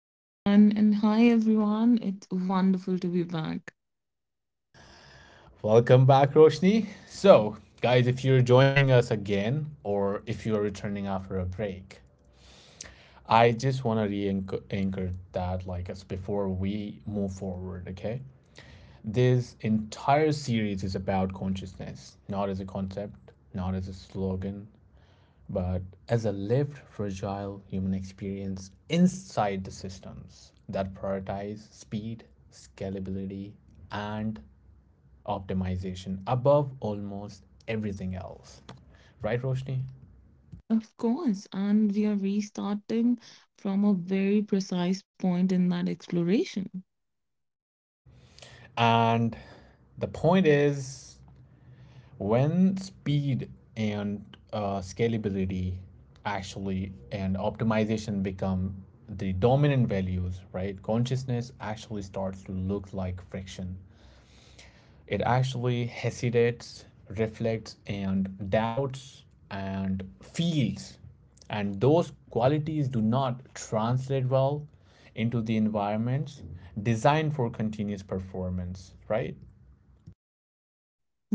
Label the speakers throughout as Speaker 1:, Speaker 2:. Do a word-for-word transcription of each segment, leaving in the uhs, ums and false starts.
Speaker 1: Hi, Zahan, and hi, everyone. It's wonderful to be back.
Speaker 2: Welcome back, Roshni. So, guys, if you're joining us again or if you're returning after a break, I just want to re anchor that, like, us, before we move forward, okay? This entire series is about consciousness, not as a concept, not as a slogan, but as a lived, fragile human experience inside the systems that prioritize speed, scalability, and optimization above almost everything else. Right, Roshni?
Speaker 1: Of course, and we are restarting from a very precise point in that exploration.
Speaker 2: And the point is when speed and uh, scalability actually and optimization become the dominant values, right? Consciousness actually starts to look like friction. It actually hesitates, reflects, and doubts and feels. And those qualities do not translate well into the environments designed for continuous performance, right?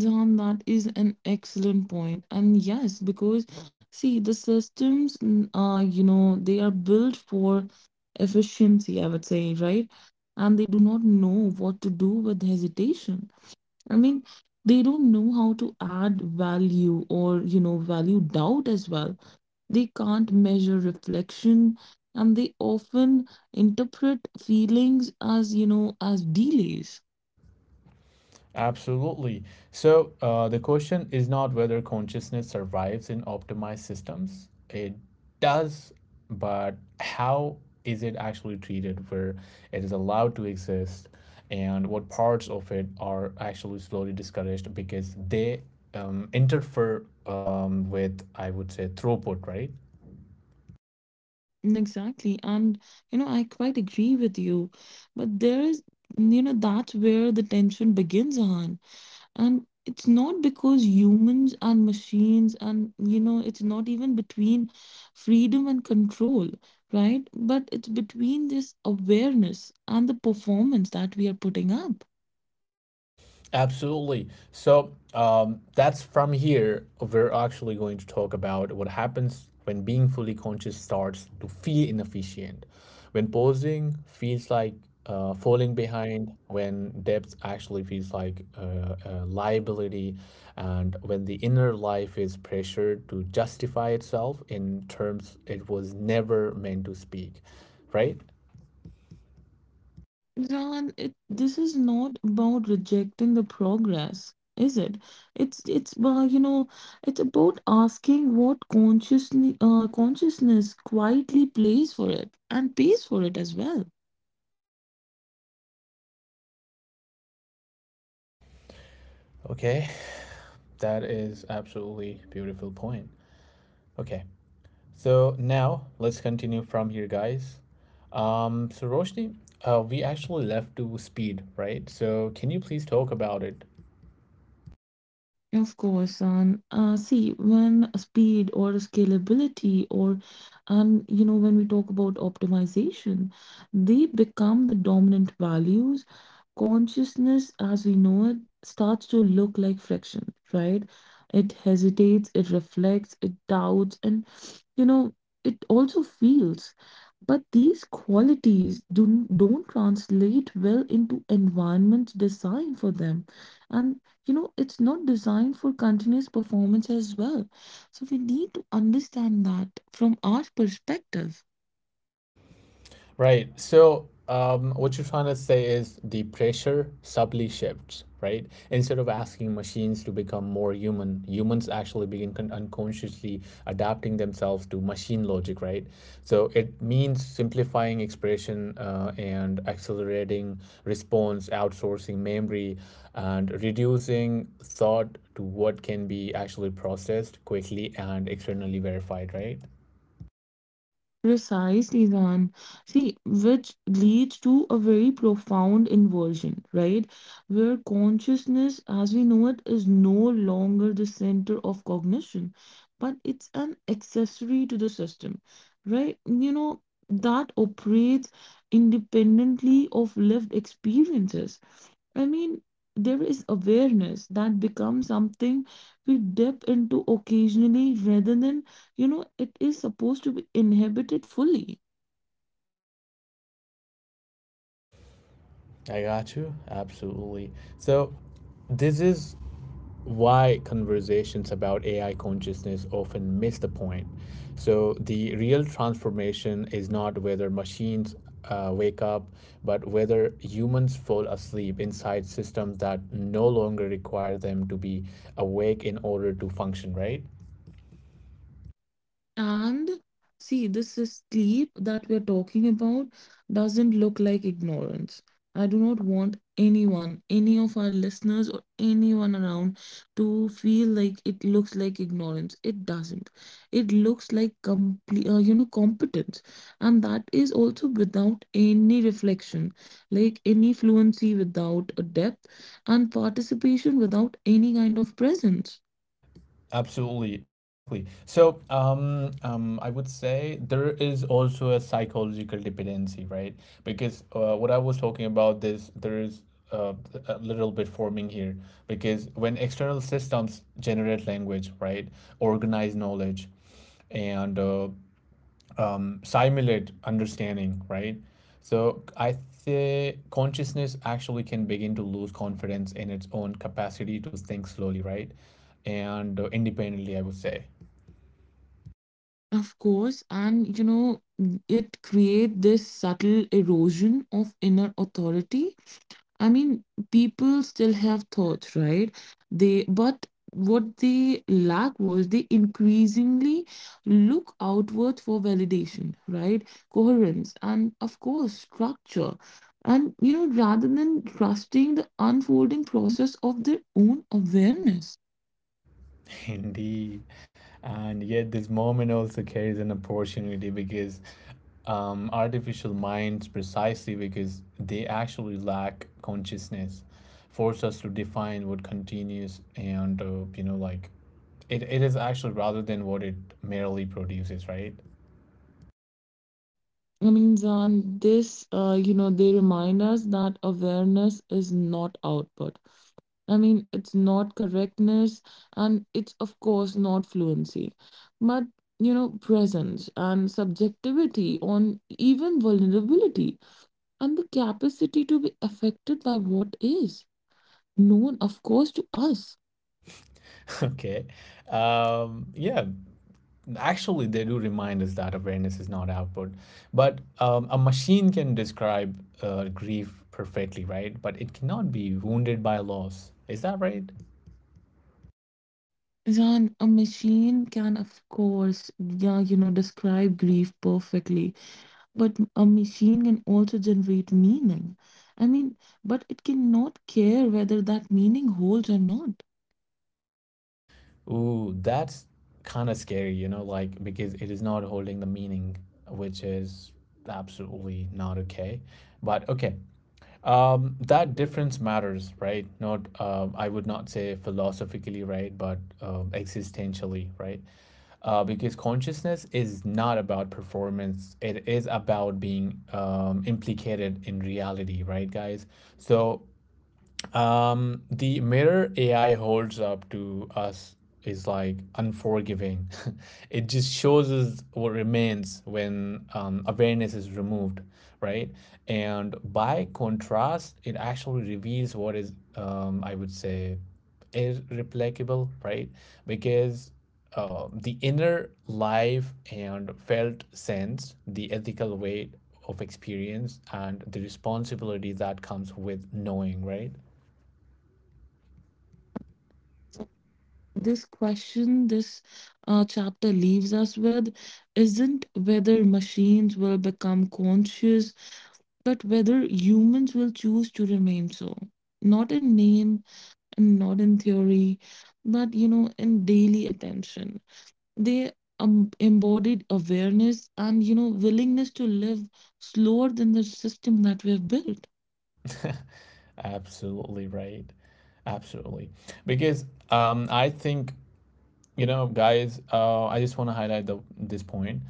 Speaker 1: Zahan, that is an excellent point. And yes, because see, the systems, n- uh, you know, they are built for efficiency, I would say, right? And they do not know what to do with hesitation. I mean, they don't know how to add value or, you know, value doubt as well. They can't measure reflection and they often interpret feelings as, you know, as delays.
Speaker 2: Absolutely. So uh, the question is not whether consciousness survives in optimized systems. It does, but how is it actually treated where it is allowed to exist and what parts of it are actually slowly discouraged because they um, interfere um, with, I would say, throughput, right?
Speaker 1: Mm, exactly. And, you know, I quite agree with you. But there is, you know, that's where the tension begins, on. And it's not because humans and machines, and you know, it's not even between freedom and control, right? But it's between this awareness and the performance that we are putting up.
Speaker 2: Absolutely. So um, that's from here. We're actually going to talk about what happens when being fully conscious starts to feel inefficient, when pausing feels like uh, falling behind, when depth actually feels like uh, a liability, and when the inner life is pressured to justify itself in terms it was never meant to speak, right?
Speaker 1: Ran, it this is not about rejecting the progress, is it? It's it's uh, you know, it's about asking what consciousness uh, consciousness quietly plays for it and pays for it as well.
Speaker 2: Okay, that is absolutely beautiful point. Okay, so now let's continue from here, guys. Um, so Roshni, uh, we actually left to speed, right? So can you please talk about it?
Speaker 1: Of course, and uh, see when speed or scalability or and you know when we talk about optimization, they become the dominant values. Consciousness, as we know it, starts to look like friction, right? It hesitates, it reflects, it doubts, and you know it also feels. But these qualities do don't translate well into environments designed for them, and you know it's not designed for continuous performance as well, so we need to understand that from our perspective.
Speaker 2: Right. So, um, what you're trying to say is the pressure subtly shifts, right? Instead of asking machines to become more human, humans actually begin con- unconsciously adapting themselves to machine logic, right? So it means simplifying expression uh, and accelerating response, outsourcing memory, and reducing thought to what can be actually processed quickly and externally verified, right?
Speaker 1: Precisely, then see, which leads to a very profound inversion, right, where consciousness as we know it is no longer the center of cognition, but it's an accessory to the system, right, you know, that operates independently of lived experiences. I mean, there is awareness that becomes something we dip into occasionally rather than, you know, it is supposed to be inhibited fully.
Speaker 2: I got you. Absolutely. So, this is why conversations about A I consciousness often miss the point. So, the real transformation is not whether machines uh, wake up, but whether humans fall asleep inside systems that no longer require them to be awake in order to function, right?
Speaker 1: And see, this is sleep that we're talking about doesn't look like ignorance. I do not want anyone, any of our listeners or anyone around to feel like it looks like ignorance. It doesn't. It looks like complete, uh, you know, competence. And that is also without any reflection, like any fluency without a depth, and participation without any kind of presence.
Speaker 2: Absolutely, exactly. So, um, um, I would say there is also a psychological dependency, right? Because uh, what I was talking about this, there is uh, a little bit forming here. Because when external systems generate language, right, organize knowledge, and uh, simulate understanding, right? So I say consciousness actually can begin to lose confidence in its own capacity to think slowly, right? And uh, independently, I would say.
Speaker 1: Of course, and you know, it create this subtle erosion of inner authority. I mean, people still have thoughts, right? They but what they lack was they increasingly look outwards for validation, right? Coherence and of course structure. And you know, rather than trusting the unfolding process of their own awareness.
Speaker 2: Indeed. And yet, this moment also carries an opportunity because um, artificial minds, precisely because they actually lack consciousness, force us to define what continuous and, uh, you know, like It, it is actually rather than what it merely produces, right?
Speaker 1: I mean, Zan, this, uh, you know, they remind us that awareness is not output. I mean, it's not correctness and it's, of course, not fluency, but, you know, presence and subjectivity on even vulnerability and the capacity to be affected by what is known, of course, to us.
Speaker 2: Okay. Um, yeah, actually, they do remind us that awareness is not output. But um, a machine can describe uh, grief perfectly, right? But it cannot be wounded by loss. Is that right?
Speaker 1: Zan, a machine can, of course, yeah, you know, describe grief perfectly, but a machine can also generate meaning. I mean, but it cannot care whether that meaning holds or not.
Speaker 2: Ooh, that's kind of scary, you know, like because it is not holding the meaning, which is absolutely not okay. But okay, Um, that difference matters, right? Not, um, I would not say philosophically, right, but um, existentially, right? Uh, because consciousness is not about performance. It is about being um, implicated in reality, right, guys? So um, the mirror A I holds up to us is like unforgiving. It just shows us what remains when um, awareness is removed, right? And by contrast, it actually reveals what is, um, I would say, irreplicable, right? Because uh, the inner life and felt sense, the ethical weight of experience, and the responsibility that comes with knowing, right?
Speaker 1: This question this uh, chapter leaves us with isn't whether machines will become conscious, but whether humans will choose to remain so. Not in name and not in theory, but you know, in daily attention. They um, embodied awareness and, you know, willingness to live slower than the system that we have built.
Speaker 2: Absolutely right. Absolutely. Because um, I think, you know, guys, uh, I just want to highlight the, this point.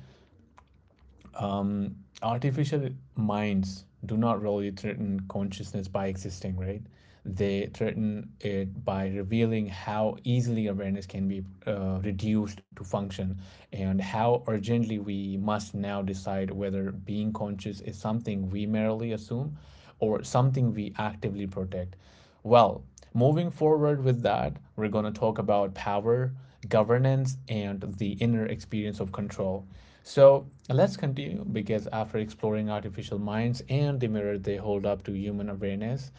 Speaker 2: Artificial minds do not really threaten consciousness by existing, right? They threaten it by revealing how easily awareness can be uh, reduced to function and how urgently we must now decide whether being conscious is something we merely assume or something we actively protect. Well, moving forward with that, we're going to talk about power, governance, and the inner experience of control. So let's continue because after exploring artificial minds and the mirror they hold up to human awareness,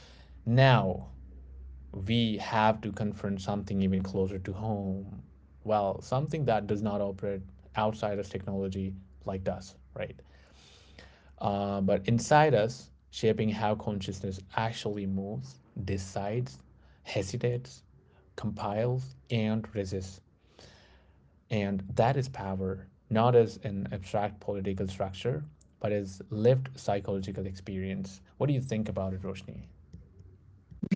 Speaker 2: now we have to confront something even closer to home. Well, something that does not operate outside of technology like us, right? uh, but inside us, shaping how consciousness actually moves, decides, hesitates, compiles, and resists. And that is power, not as an abstract political structure, but as lived psychological experience. What do you think about it, Roshni?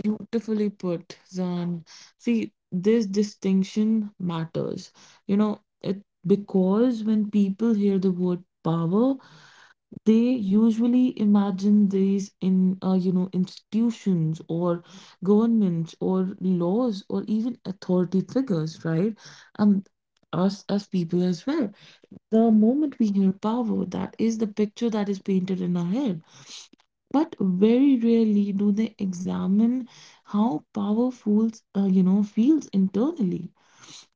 Speaker 1: Beautifully put, Zan. See, this distinction matters. You know, it because when people hear the word power, they usually imagine these in, uh, you know, institutions or governments or laws or even authority figures, right? And us as people as well. The moment we hear power, that is the picture that is painted in our head. But very rarely do they examine how power feels, uh, you know, feels internally,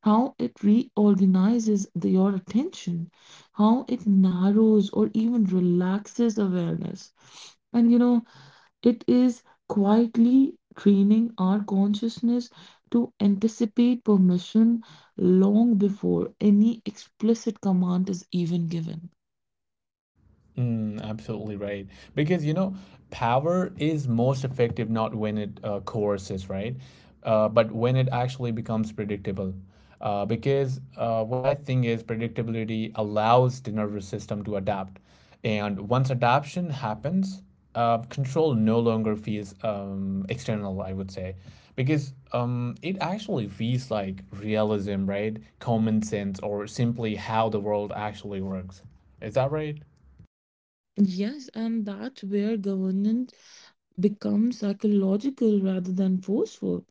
Speaker 1: how it reorganizes the, your attention, how it narrows or even relaxes awareness. And you know, it is quietly training our consciousness to anticipate permission long before any explicit command is even given.
Speaker 2: Mm, absolutely right. Because, you know, power is most effective not when it uh, coerces, right? Uh, but when it actually becomes predictable. Uh, because uh, what I think is predictability allows the nervous system to adapt. And once adaptation happens, uh, control no longer feels um, external, I would say, because um, it actually feels like realism, right? Common sense, or simply how the world actually works. Is that right?
Speaker 1: Yes, and that's where governance becomes psychological rather than forceful.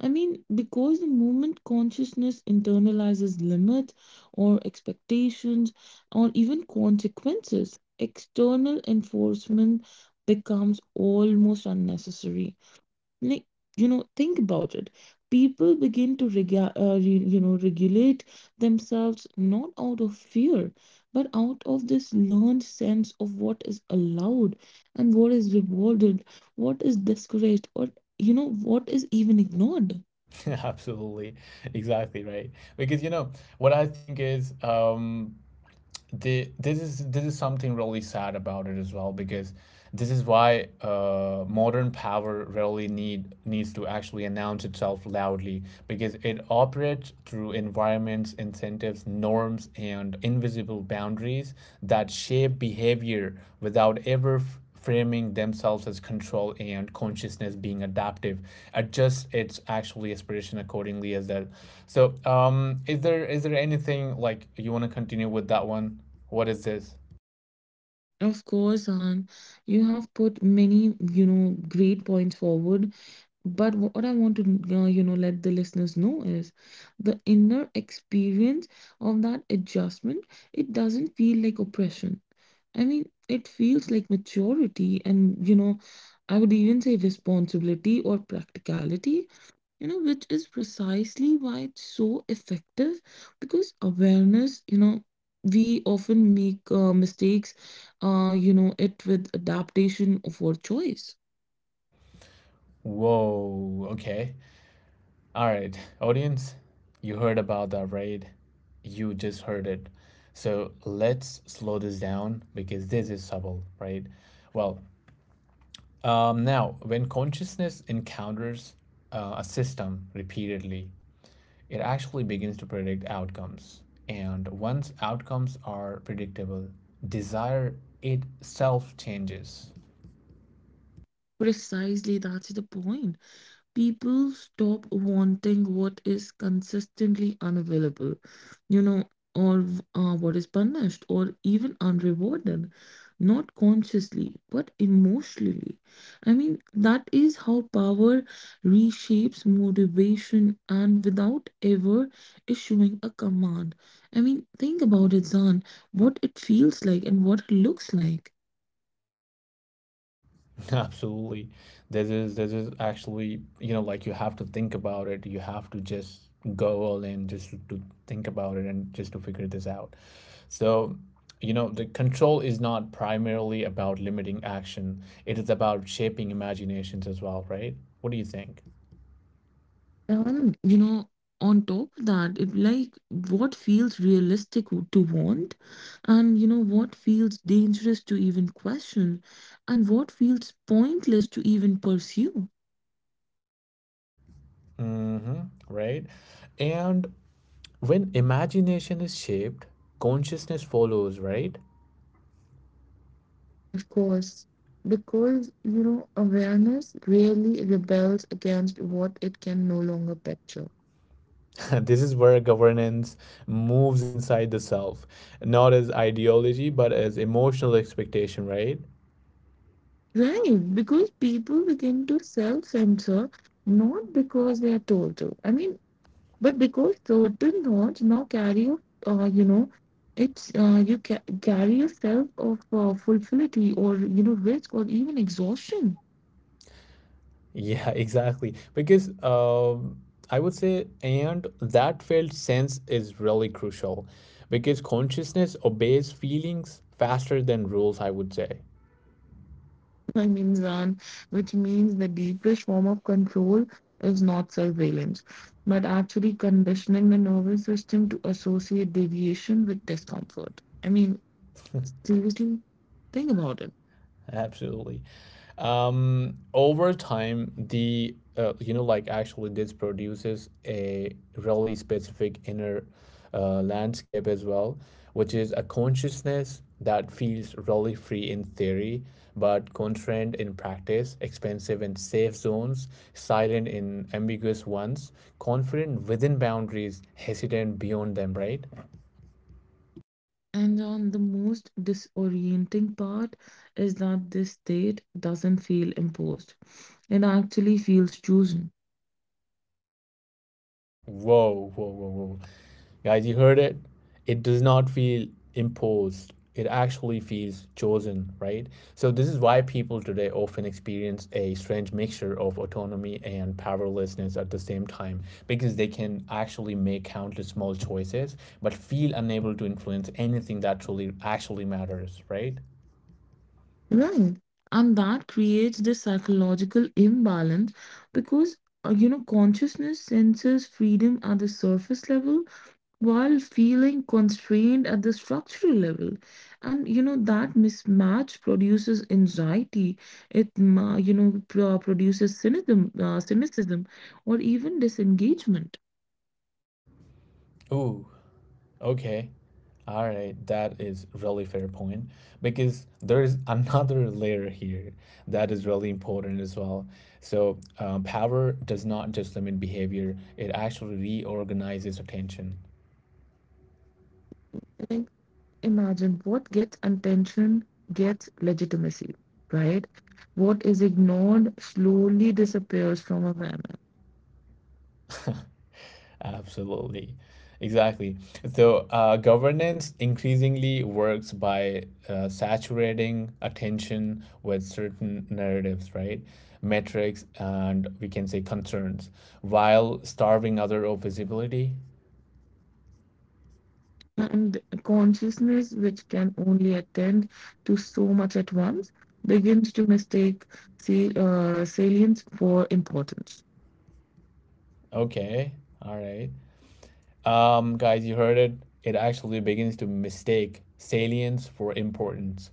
Speaker 1: I mean, because the moment consciousness internalizes limits or expectations or even consequences, external enforcement becomes almost unnecessary, like you know, think about it, people begin to rega- uh, re- you know regulate themselves not out of fear but out of this learned sense of what is allowed and what is rewarded, what is discouraged or you know what is even ignored.
Speaker 2: Absolutely, exactly right. Because you know what I think is um, the this is this is something really sad about it as well. Because this is why uh, modern power really need needs to actually announce itself loudly because it operates through environments, incentives, norms, and invisible boundaries that shape behavior without ever f- framing themselves as control, and consciousness being adaptive adjust its actually aspiration accordingly as that. So um is there, is there anything like you want to continue with that one? What is this?
Speaker 1: Of course, Han, you have put many, you know, great points forward. But what I want to, uh, you know, let the listeners know is the inner experience of that adjustment, it doesn't feel like oppression. I mean, it feels like maturity and, you know, I would even say responsibility or practicality, you know, which is precisely why it's so effective, because awareness, you know, we often make uh, mistakes, uh, you know, it with adaptation of our choice.
Speaker 2: Whoa, okay, all right audience, you heard about that, right? You just heard it. So let's slow this down because this is subtle, right? Well, um now when consciousness encounters uh, a system repeatedly, it actually begins to predict outcomes. And once outcomes are predictable, desire itself changes.
Speaker 1: Precisely, that's the point. People stop wanting what is consistently unavailable, you know, or uh, what is punished or even unrewarded, not consciously, but emotionally. I mean, that is how power reshapes motivation and without ever issuing a command. I mean, think about it, Zan, what it feels like and what it looks like.
Speaker 2: Absolutely. This is this is actually, you know, like you have to think about it. You have to just go all in just to think about it and just to figure this out. So, you know, the control is not primarily about limiting action. It is about shaping imaginations as well, right? What do you think?
Speaker 1: Um, you know, on top of that, it like what feels realistic w- to want, and you know what feels dangerous to even question, and what feels pointless to even pursue.
Speaker 2: Mm-hmm, right? And when imagination is shaped, consciousness follows, right?
Speaker 1: Of course, because you know, awareness really rebels against what it can no longer picture.
Speaker 2: This is where governance moves inside the self, not as ideology, but as emotional expectation, right?
Speaker 1: Right, because people begin to self-censor not because they are told to. I mean, but because certain thoughts now carry, you, uh, you know, it's uh, you ca carry yourself of uh, fulfillity or you know risk or even exhaustion.
Speaker 2: Yeah, exactly. Because um, I would say, and that felt sense is really crucial because consciousness obeys feelings faster than rules, I would say.
Speaker 1: I mean, Zan, which means the deepest form of control is not surveillance, but actually conditioning the nervous system to associate deviation with discomfort. I mean, seriously, think about it.
Speaker 2: Absolutely. Um, over time, the uh, you know like actually this produces a really specific inner uh, landscape as well, which is a consciousness that feels really free in theory, but constrained in practice, expensive in safe zones, silent in ambiguous ones, confident within boundaries, hesitant beyond them, right?
Speaker 1: And on the most disorienting part is that this state doesn't feel imposed. It actually feels chosen.
Speaker 2: Whoa, whoa, whoa, whoa. Guys, you heard it. It does not feel imposed. It actually feels chosen, right? So, this is why people today often experience a strange mixture of autonomy and powerlessness at the same time because they can actually make countless small choices but feel unable to influence anything that truly actually matters, right?
Speaker 1: Right. And that creates this psychological imbalance because, uh, you know, consciousness senses freedom at the surface level, while feeling constrained at the structural level, and you know that mismatch produces anxiety, it ma- you know pro- produces cynicism uh, cynicism or even disengagement.
Speaker 2: Ooh, okay. All right, that is really fair point because there is another layer here that is really important as well. So, uh, power does not just limit behavior, it actually reorganizes attention.
Speaker 1: Like, imagine, what gets attention gets legitimacy, right? What is ignored slowly disappears from awareness.
Speaker 2: Absolutely. Exactly. So, uh, governance increasingly works by uh, saturating attention with certain narratives, right? Metrics and we can say concerns while starving other of visibility.
Speaker 1: And consciousness, which can only attend to so much at once, begins to mistake sa- uh, salience for importance.
Speaker 2: Okay. All right. Um, guys, you heard it. It actually begins to mistake salience for importance.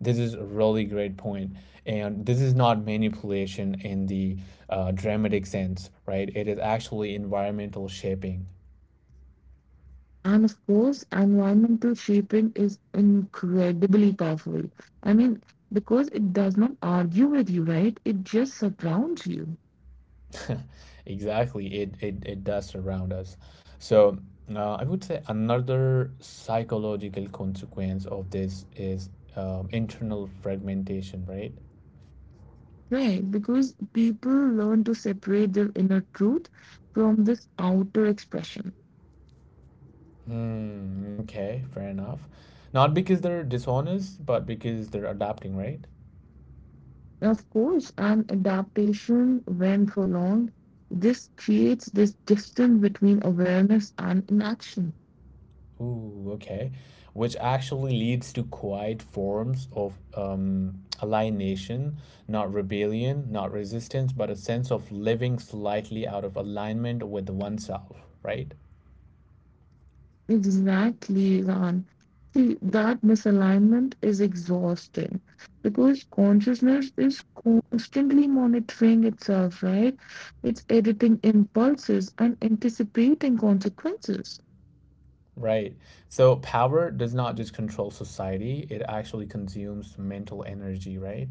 Speaker 2: This is a really great point, and this is not manipulation in the uh, dramatic sense, right? It is actually environmental shaping.
Speaker 1: And of course, environmental shaping is incredibly powerful. I mean, because it does not argue with you, right? It just surrounds you,
Speaker 2: Exactly, it, it it does surround us. So uh, I would say another psychological consequence of this is um, internal fragmentation, right?
Speaker 1: right? Because people learn to separate their inner truth from this outer expression.
Speaker 2: Hmm. Okay, fair enough. Not because they're dishonest, but because they're adapting, right?
Speaker 1: Of course, an adaptation when prolonged, this creates this distance between awareness and inaction.
Speaker 2: Ooh, okay. Which actually leads to quiet forms of um, alienation, not rebellion, not resistance, but a sense of living slightly out of alignment with oneself, right?
Speaker 1: Exactly, Ran. See, that misalignment is exhausting because consciousness is constantly monitoring itself, right? It's editing impulses and anticipating consequences.
Speaker 2: Right. So power does not just control society, it actually consumes mental energy, right?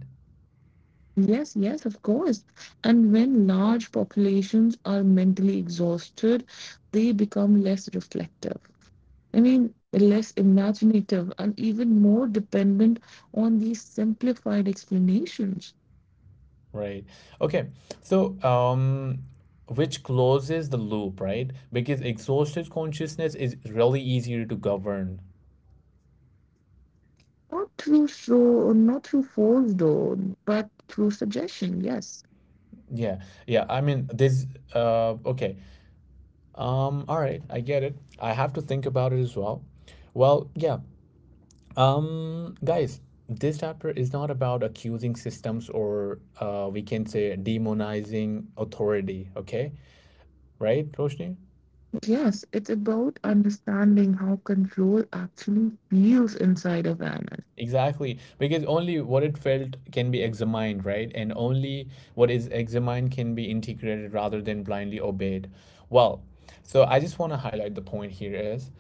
Speaker 1: Yes, yes, of course. And when large populations are mentally exhausted, they become less reflective. I mean, less imaginative and even more dependent on these simplified explanations.
Speaker 2: Right. Okay. So, um, which closes the loop, right? Because exhausted consciousness is really easier to govern.
Speaker 1: Not through show, not through force though, but through suggestion. Yes,
Speaker 2: Yeah. Yeah. I mean, this, uh, okay. Um, all right. I get it. I have to think about it as well. Well, yeah. Um, guys, this chapter is not about accusing systems or, uh, we can say demonizing authority, okay? Right, Roshni?
Speaker 1: yes, it's about understanding how control actually feels inside of an.
Speaker 2: Exactly, because only what it felt can be examined, right? And only what is examined can be integrated rather than blindly obeyed. Well, so I just want to highlight the point here is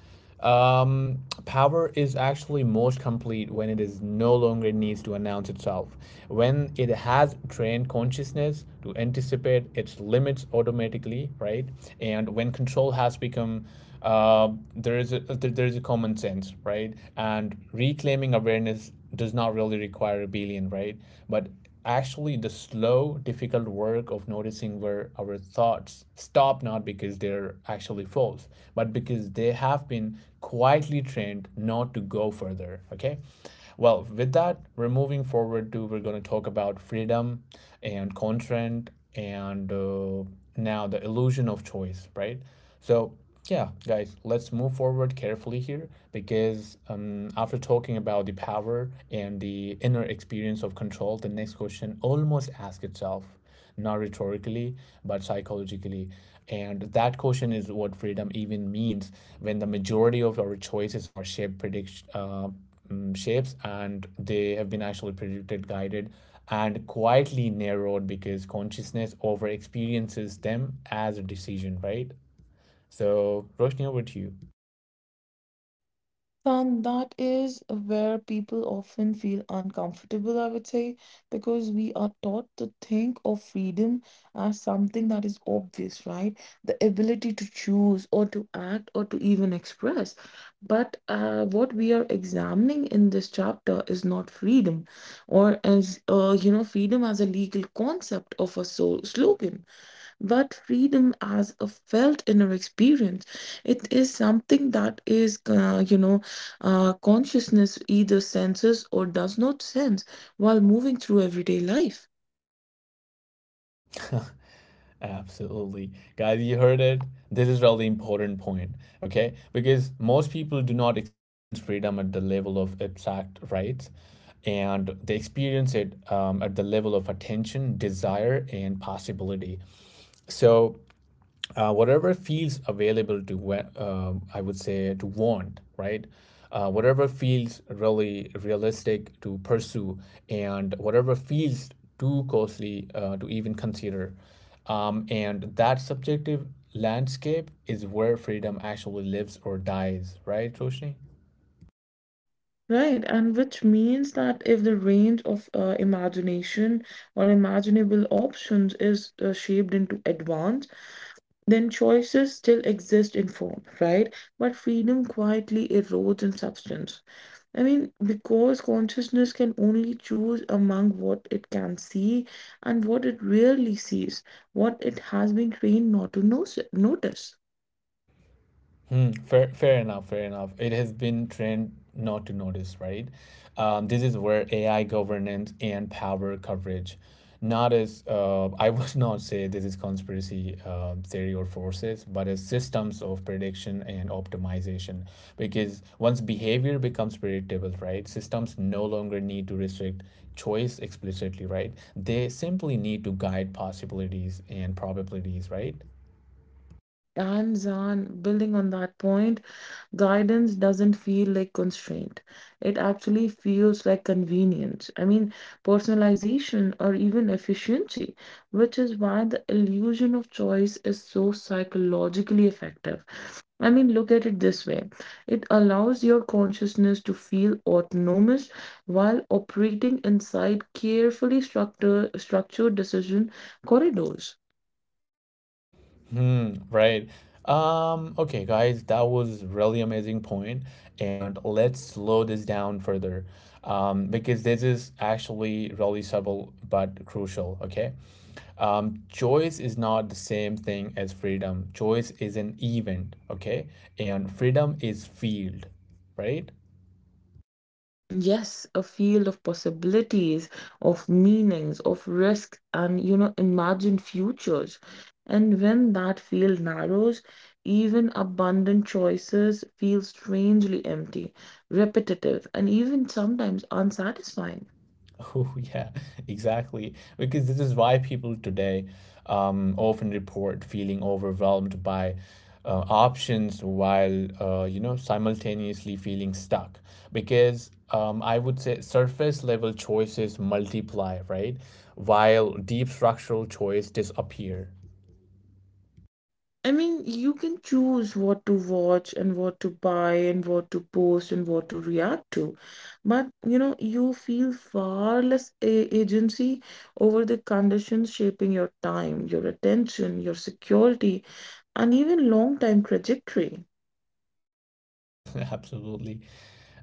Speaker 2: um, power is actually most complete when it is no longer needs to announce itself, when it has trained consciousness to anticipate its limits automatically, right? And when control has become uh, there is a there is a common sense, right? And reclaiming awareness does not really require rebellion, right? But actually, the slow, difficult work of noticing where our thoughts stop, not because they're actually false, but because they have been quietly trained not to go further. Okay. Well, with that, we're moving forward to we're going to talk about freedom and constraint and uh, now the illusion of choice, right? So yeah, guys, let's move forward carefully here because um, after talking about the power and the inner experience of control, the next question almost asks itself, not rhetorically, but psychologically. And that question is what freedom even means when the majority of our choices are shaped, predict, uh, mm, shapes and they have been actually predicted, guided, and quietly narrowed because consciousness over experiences them as a decision, right? So, Roshni, over to you.
Speaker 1: And that is where people often feel uncomfortable, I would say, because we are taught to think of freedom as something that is obvious, right? The ability to choose or to act or to even express. But uh, what we are examining in this chapter is not freedom, or as uh, you know, freedom as a legal concept of a so slogan, but freedom as a felt inner experience. It is something that is uh, you know, uh, consciousness either senses or does not sense while moving through everyday life.
Speaker 2: Absolutely. Guys, you heard it. This is really important point, okay? Because most people do not experience freedom at the level of abstract rights and they experience it um, at the level of attention, desire, and possibility. So uh, whatever feels available to wa- uh, I would say to want, right, uh, whatever feels really realistic to pursue and whatever feels too costly uh, to even consider, um, and that subjective landscape is where freedom actually lives or dies, right toshni?
Speaker 1: Right, and which means that if the range of uh, imagination or imaginable options is uh, shaped into advance, then choices still exist in form, right? But freedom quietly erodes in substance. I mean, because consciousness can only choose among what it can see and what it really sees, what it has been trained not to no- notice.
Speaker 2: Hmm, fair, fair enough, fair enough. It has been trained not to notice, right? Um, this is where A I governance and power coverage, not as uh, I would not say this is conspiracy uh, theory or forces, but as systems of prediction and optimization. Because once behavior becomes predictable, right, systems no longer need to restrict choice explicitly, right? They simply need to guide possibilities and probabilities, right?
Speaker 1: And on building on that point, guidance doesn't feel like constraint. It actually feels like convenience. I mean, personalization or even efficiency, which is why the illusion of choice is so psychologically effective. I mean, look at it this way. It allows your consciousness to feel autonomous while operating inside carefully structure, structured decision corridors.
Speaker 2: Hmm, right. Um, okay, guys, that was really amazing point, and let's slow this down further, um, because this is actually really subtle but crucial. Okay, um, choice is not the same thing as freedom. Choice is an event. Okay, and freedom is field, right?
Speaker 1: Yes, a field of possibilities, of meanings, of risks, and you know, imagined futures. And when that field narrows, even abundant choices feel strangely empty, repetitive, and even sometimes unsatisfying.
Speaker 2: Oh, yeah, exactly. Because this is why people today um, often report feeling overwhelmed by uh, options while, uh, you know, simultaneously feeling stuck. Because um, I would say surface level choices multiply, right? While deep structural choice disappear.
Speaker 1: I mean, you can choose what to watch and what to buy and what to post and what to react to. But, you know, you feel far less a- agency over the conditions shaping your time, your attention, your security, and even long-time trajectory.
Speaker 2: Absolutely.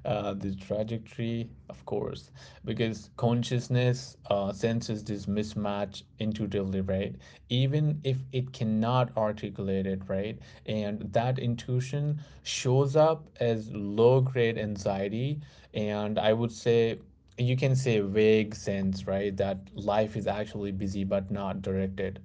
Speaker 2: uh, The trajectory, of course, because consciousness uh, senses this mismatch intuitively, right? Even if it cannot articulate it, right? And that intuition shows up as low grade anxiety. And I would say, you can say vague sense, right? That life is actually busy but not directed.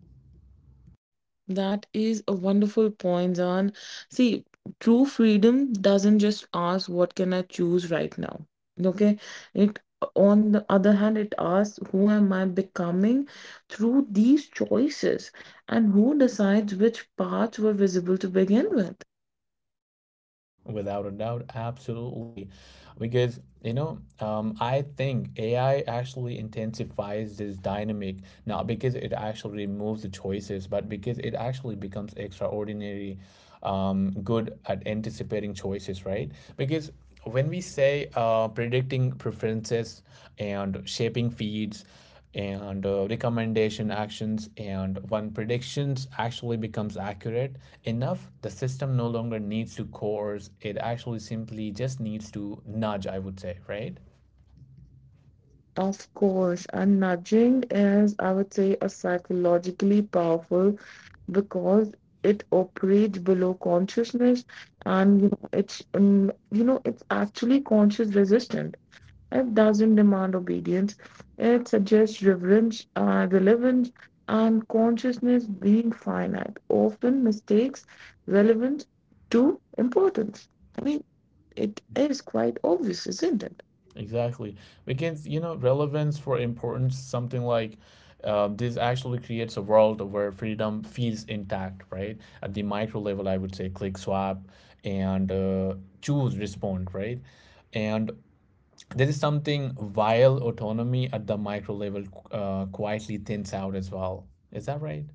Speaker 1: That is a wonderful point, Zan. See, true freedom doesn't just ask what can I choose right now. Okay? It on the other hand, it asks who am I becoming through these choices and who decides which paths were visible to begin with.
Speaker 2: Without a doubt, absolutely. Because, you know, um, I think A I actually intensifies this dynamic, not because it actually removes the choices, but because it actually becomes extraordinary um, good at anticipating choices, right? Because when we say uh, predicting preferences and shaping feeds, and uh, recommendation actions. And when predictions actually becomes accurate enough, the system no longer needs to coerce. It actually simply just needs to nudge, I would say, right?
Speaker 1: Of course, and nudging is, I would say, a psychologically powerful because it operates below consciousness, and you know, it's um, you know, it's actually conscious resistance. It doesn't demand obedience. It suggests reverence, uh, relevance, and consciousness being finite. Often mistakes relevance to importance. I mean, it is quite obvious, isn't it?
Speaker 2: Exactly, because you know, relevance for importance, something like uh, this actually creates a world where freedom feels intact, right, at the micro level, I would say, click, swap, and uh, choose, respond, right? And there is something vile autonomy at the micro level uh, quietly thins out as well. Is that right?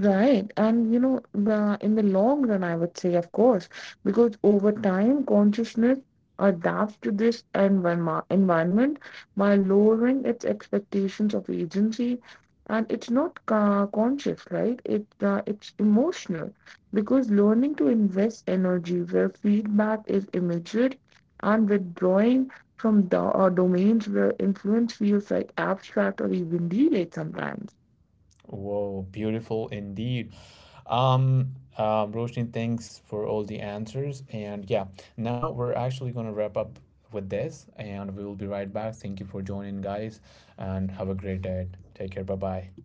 Speaker 1: Right. And you know, the in the long run, I would say, of course, because over time, consciousness adapts to this environment environment by lowering its expectations of agency. And it's not uh, conscious, right? It uh, it's emotional because learning to invest energy where feedback is immediate and withdrawing from the uh, domains where influence feels like abstract or even delayed sometimes.
Speaker 2: Whoa, beautiful indeed. Um, um, Roshni, thanks for all the answers. And yeah, now we're actually going to wrap up with this and we will be right back. Thank you for joining, guys, and have a great day. Take care. Bye bye.